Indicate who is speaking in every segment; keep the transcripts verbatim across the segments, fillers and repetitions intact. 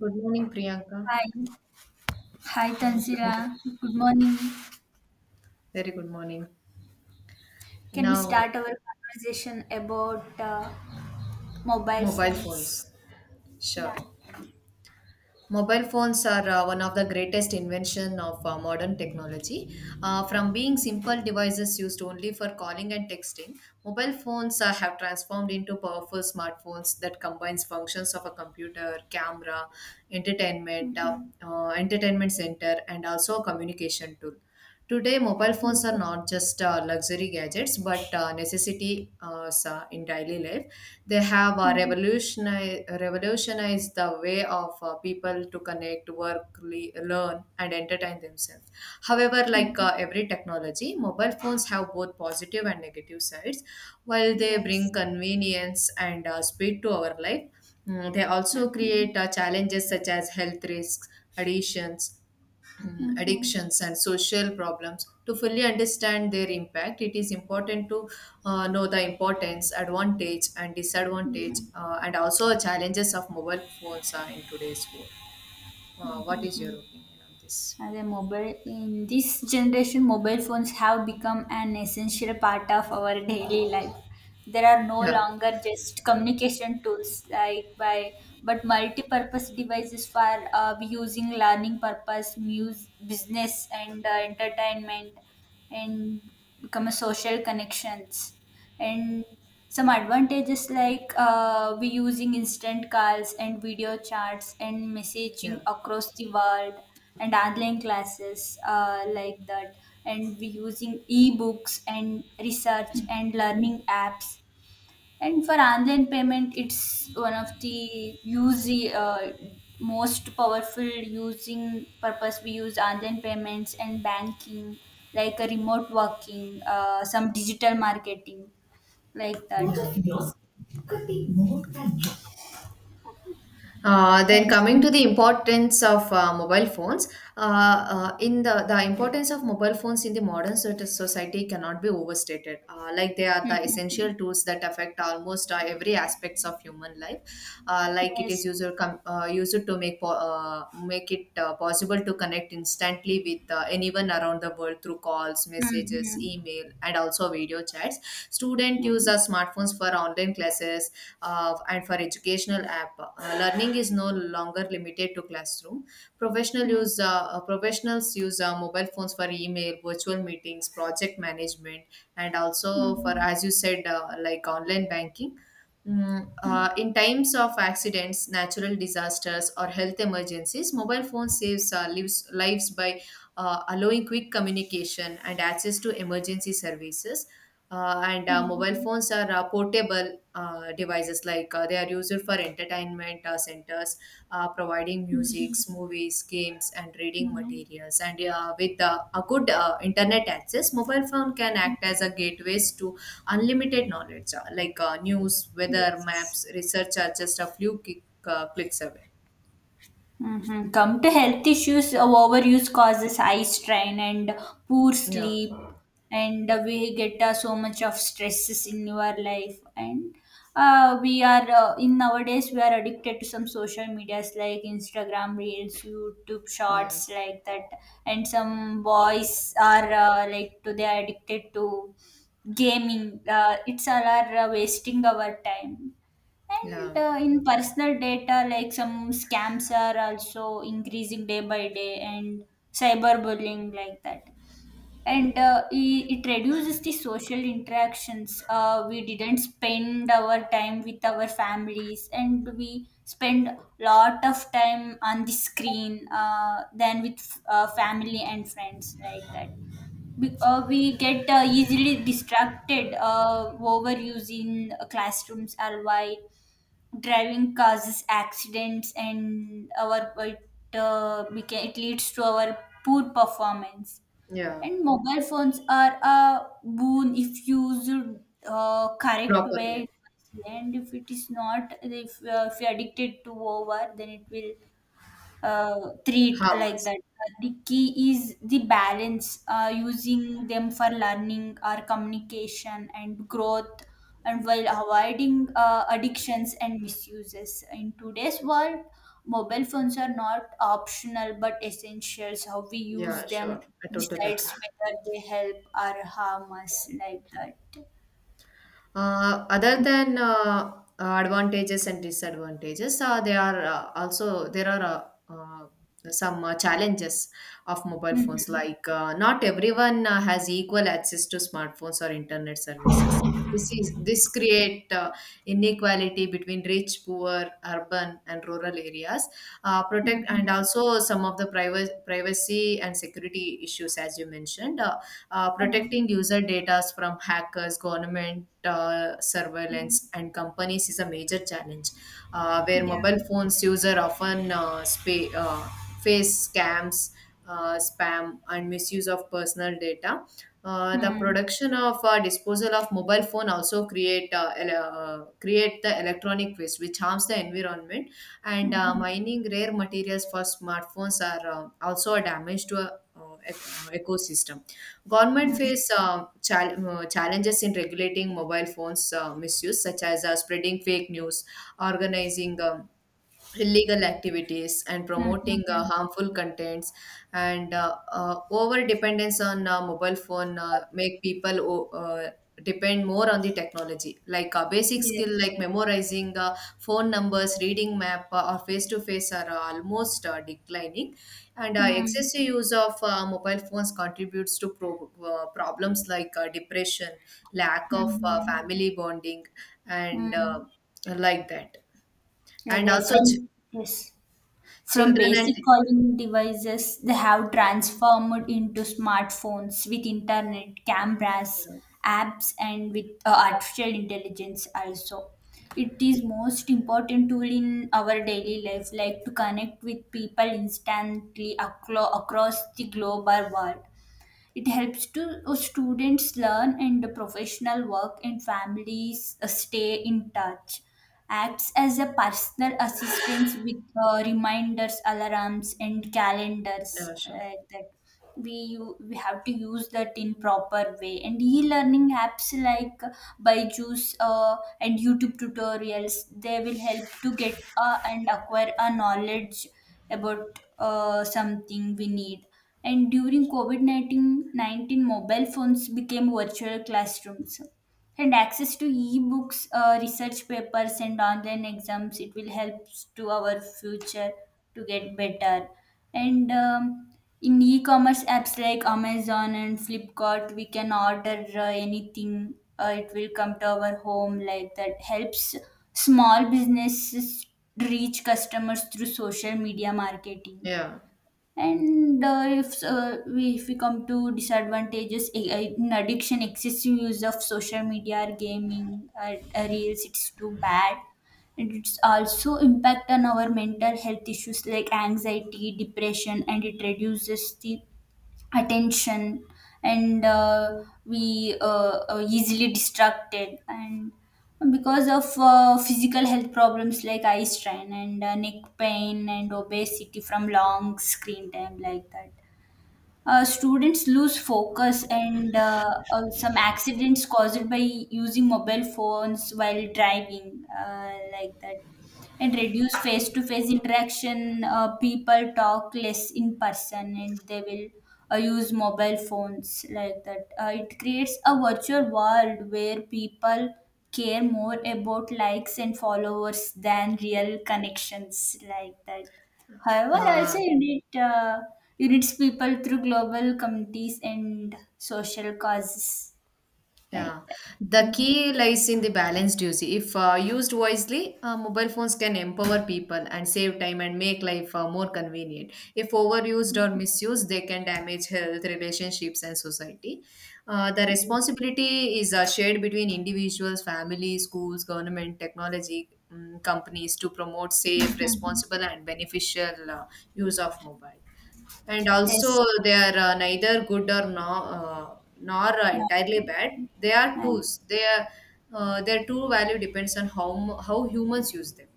Speaker 1: Good morning, Priyanka.
Speaker 2: Hi, hi
Speaker 1: I mean, Good morning.
Speaker 2: Tanzila. Good morning.
Speaker 1: Very good morning.
Speaker 2: Can we
Speaker 1: Now,
Speaker 2: start our conversation about uh, mobile
Speaker 1: mobile phones.
Speaker 2: phones? Yeah.
Speaker 1: Sure. Mobile phones are uh, one of the greatest invention of uh, modern technology. Uh, from being simple devices used only for calling and texting, mobile phones uh, have transformed into powerful smartphones that combines functions of a computer, camera, entertainment, uh,
Speaker 2: Mhm.
Speaker 1: uh, entertainment center, and also a communication tool. Today, mobile phones are
Speaker 2: Mhm.
Speaker 1: not just uh, luxury gadgets, but uh, necessity uh, s- uh, in daily life. They have uh,
Speaker 2: Mhm.
Speaker 1: revolutionized, revolutionized the way of uh, people to connect, work, le- learn, and entertain themselves. However, like
Speaker 2: Mhm.
Speaker 1: uh, every technology, mobile phones have both positive and negative sides. While they bring
Speaker 2: Yes.
Speaker 1: convenience and uh, speed to our life, mm, they also
Speaker 2: Mhm.
Speaker 1: create uh, challenges such as health risks, addictions mm,
Speaker 2: Mhm.
Speaker 1: addictions and social problems. To fully understand their impact, it is important to uh, know the importance, advantage and disadvantage,
Speaker 2: Mhm.
Speaker 1: uh, and also challenges of mobile phones are in today's world. Uh,
Speaker 2: Mhm.
Speaker 1: what is your
Speaker 2: Mhm.
Speaker 1: opinion on this?
Speaker 2: As a mobile in this generation, mobile phones have become an essential part of our daily life. There are no
Speaker 1: Yeah,
Speaker 2: longer just communication tools like by, but multi-purpose devices for uh, using learning purpose, muse, business, and uh, entertainment, and become a social connections. And some advantages like uh, we using instant calls and video chats and
Speaker 1: yeah,
Speaker 2: messaging across the world, and online classes uh, like that. And we using ebooks and research and learning apps. And for online payment, it's one of the use, uh, most powerful using purpose, we use online payments and banking, like a remote working, uh, some digital marketing, like Both that. Both
Speaker 1: yeah.
Speaker 2: of yours could be more than
Speaker 1: Uh,
Speaker 2: one.
Speaker 1: then coming
Speaker 2: And
Speaker 1: to the importance of uh, mobile phones, uh, uh, in the, the importance of mobile phones in the modern soc- society cannot be overstated. Uh, like, they are
Speaker 2: Mhm,
Speaker 1: the essential
Speaker 2: mhm.
Speaker 1: tools that affect almost uh, every aspects of human life. Uh, like, it
Speaker 2: Yes.
Speaker 1: is user com- uh, used to to make po- uh, make it uh, possible to connect instantly with uh, anyone around the world through calls, messages,
Speaker 2: Mm-hmm.
Speaker 1: email, and also video chats. Students use
Speaker 2: Mm-hmm.
Speaker 1: our smartphones for online classes uh, and for educational app. Uh, learning is no longer limited to classroom. Professional use uh, uh, professionals use uh, mobile phones for email, virtual meetings, project management, and also, for
Speaker 2: Mm-hmm.
Speaker 1: as you said, uh, like online banking. Mm, uh, in times of accidents, natural disasters, or health emergencies, mobile phones saves uh, lives, lives by uh, allowing quick communication and access to emergency services. Uh, and uh, Mobile
Speaker 2: Mm-hmm.
Speaker 1: phones are uh, portable uh, devices. Like, uh, they are used for entertainment uh, centers, uh, providing
Speaker 2: Mm-hmm.
Speaker 1: musics, movies, games and reading
Speaker 2: Mm-hmm.
Speaker 1: materials. And uh, with uh, a good uh, internet access, mobile phone can act as a gateways to unlimited knowledge. Uh, like, uh, news, weather,
Speaker 2: Yes.
Speaker 1: maps, research are just a few kick, uh, clicks away.
Speaker 2: Mhm. Come to health issues. Uh, overuse causes eye strain and poor
Speaker 1: Yeah,
Speaker 2: sleep, and uh, we get uh, so much of stresses in our life. And uh, we are, uh, in nowadays we are addicted to some social medias like Instagram Reels, YouTube
Speaker 1: yeah,
Speaker 2: Shorts, like that. And some boys are uh, like to they are addicted to gaming. Uh, it's all are uh, wasting our time. And
Speaker 1: yeah,
Speaker 2: uh, in personal data, like some scams are also increasing day by day, and cyberbullying, like that. And uh, i- it reduces the social interactions. Uh, we didn't spend our time with our families, and we spend lot of time on the screen uh, than with uh, family and friends, like that. Be- uh, we get uh, easily distracted, uh, over using classrooms or why driving causes accidents and our it, uh, beca- it leads to our poor performance.
Speaker 1: yeah.
Speaker 2: And mobile phones are a boon if used uh, correct
Speaker 1: Properly.
Speaker 2: way. And if it is not, if, uh, if you're addicted to over, then it will uh, treat, like
Speaker 1: Harmless.
Speaker 2: that. Uh, the key is the balance, uh, using them for learning or communication and growth, and while avoiding uh, addictions and misuses. In today's world, mobile phones are not optional but essentials. How we use
Speaker 1: Yeah,
Speaker 2: them
Speaker 1: sure, I totally agree.
Speaker 2: decides whether they help or harm us, like that.
Speaker 1: Uh, other than uh, uh, advantages and disadvantages, uh, there are uh, also there are, uh, uh, some uh, challenges of mobile phones.
Speaker 2: Mhm.
Speaker 1: Like, uh, not everyone uh, has equal access to smartphones or internet services. This is this create uh, inequality between rich, poor, urban, and rural areas. Uh, protect, and
Speaker 2: Mhm.
Speaker 1: also some of the privacy privacy and security issues, as you mentioned. Uh, uh,
Speaker 2: Mhm.
Speaker 1: protecting user data from hackers, government uh,
Speaker 2: Mhm.
Speaker 1: surveillance, and companies is a major challenge. Uh, where mobile
Speaker 2: Yeah.
Speaker 1: phones user often uh, spa- uh, face scams, uh, spam, and misuse of personal data. Uh, the
Speaker 2: Mm.
Speaker 1: production of uh, disposal of mobile phone also create uh, ele- uh, create the electronic waste which harms the environment. And uh,
Speaker 2: Mhm.
Speaker 1: mining rare materials for smartphones are uh, also a damage to a uh, ec- uh, ecosystem. Government
Speaker 2: Mm.
Speaker 1: face uh, chal- uh, challenges in regulating mobile phones uh, misuse, such as uh, spreading fake news, organizing um, illegal activities and promoting uh,
Speaker 2: Mhm.
Speaker 1: harmful contents. And uh, uh, over dependence on uh, mobile phone uh, make people o- uh, depend more on the technology. Like, uh, basic skill
Speaker 2: Yes.
Speaker 1: like memorizing uh, phone numbers, reading map, uh, or face to face are uh, almost uh, declining. And uh,
Speaker 2: Mm-hmm.
Speaker 1: excessive use of uh, mobile phones contributes to pro- uh, problems like uh, depression, lack of uh,
Speaker 2: Mhm.
Speaker 1: family bonding, and
Speaker 2: Mm.
Speaker 1: uh, like that.
Speaker 2: Yeah,
Speaker 1: And
Speaker 2: they're
Speaker 1: also,
Speaker 2: from, yes, from
Speaker 1: Children and
Speaker 2: basic calling devices, they have
Speaker 1: yeah,
Speaker 2: transformed into smartphones with internet, cameras,
Speaker 1: yeah,
Speaker 2: apps, and with uh, artificial intelligence also. It is most important tool in our daily life, like to connect with people instantly aclo- across the global world. It helps to uh, students learn and the professional work and families uh, stay in touch. Acts as a personal assistance with uh, reminders, alarms, and calendars
Speaker 1: yeah, sure.
Speaker 2: uh, that we u- we have to use that in proper way, and e-learning apps like Byju's uh, and YouTube tutorials, they will help to get uh, and acquire a knowledge about uh, something we need. And during COVID nineteen, mobile phones became virtual classrooms. And access to e-books, uh, research papers, and online exams, it will help to our future to get better. And um, in e-commerce apps like Amazon and Flipkart, we can order uh, anything. Uh, it will come to our home, like that. Helps small businesses reach customers through social media marketing.
Speaker 1: Yeah.
Speaker 2: And uh, if, uh, we if we come to disadvantages, a- a- in addiction, excessive use of social media or gaming, or, or reels, it's too bad. And it's also impact on our mental health issues like anxiety, depression, and it reduces the attention. And uh, we uh, are easily distracted, and because of uh, physical health problems like eye strain and uh, neck pain and obesity from long screen time, like that. Uh, students lose focus, and uh, uh, some accidents caused by using mobile phones while driving, uh, like that. And reduce face-to-face interaction. Uh, people talk less in person and they will uh, use mobile phones, like that. Uh, it creates a virtual world where people care more about likes and followers than real connections, like that. However, also
Speaker 1: Uh,
Speaker 2: unit uh, units people through global communities and social causes, like
Speaker 1: yeah.
Speaker 2: that.
Speaker 1: The
Speaker 2: Mm.
Speaker 1: key lies in the balanced use. If uh, used wisely, uh, mobile phones can empower people and save time and make life uh, more convenient. If overused or misused, they can damage health, relationships, and society. Uh, the responsibility is uh, shared between individuals, families, schools, government, technology, mm, companies to promote safe,
Speaker 2: Mhm.
Speaker 1: responsible, and beneficial uh, use of mobile. And
Speaker 2: Yes.
Speaker 1: also, they are uh, neither good or no, uh, nor uh,
Speaker 2: Yeah.
Speaker 1: entirely bad. They are
Speaker 2: Yes.
Speaker 1: tools. They are, uh, their true value depends on how mu- how humans use them.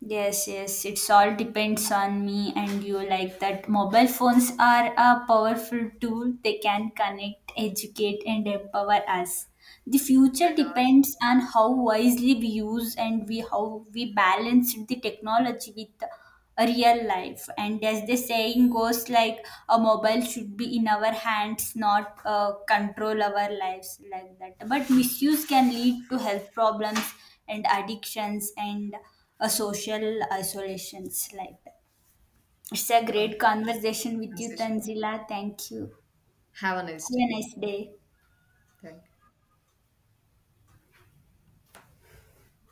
Speaker 2: Yes, yes, it's all depends on me and you, like that. Mobile phones are a powerful tool. They can connect, educate, and empower us. The future
Speaker 1: And
Speaker 2: depends on how wisely we use, and we how we balance the technology with a real life, and as the saying goes, like a mobile should be in our hands, not uh, control our lives, like that. But misuse can lead to health problems and addictions and uh, social isolations, like that. It's a
Speaker 1: uh, um,
Speaker 2: great conversation with you, Tanzila. Thank you.
Speaker 1: Have a nice
Speaker 2: Have a
Speaker 1: day.
Speaker 2: nice day.
Speaker 1: Thank you.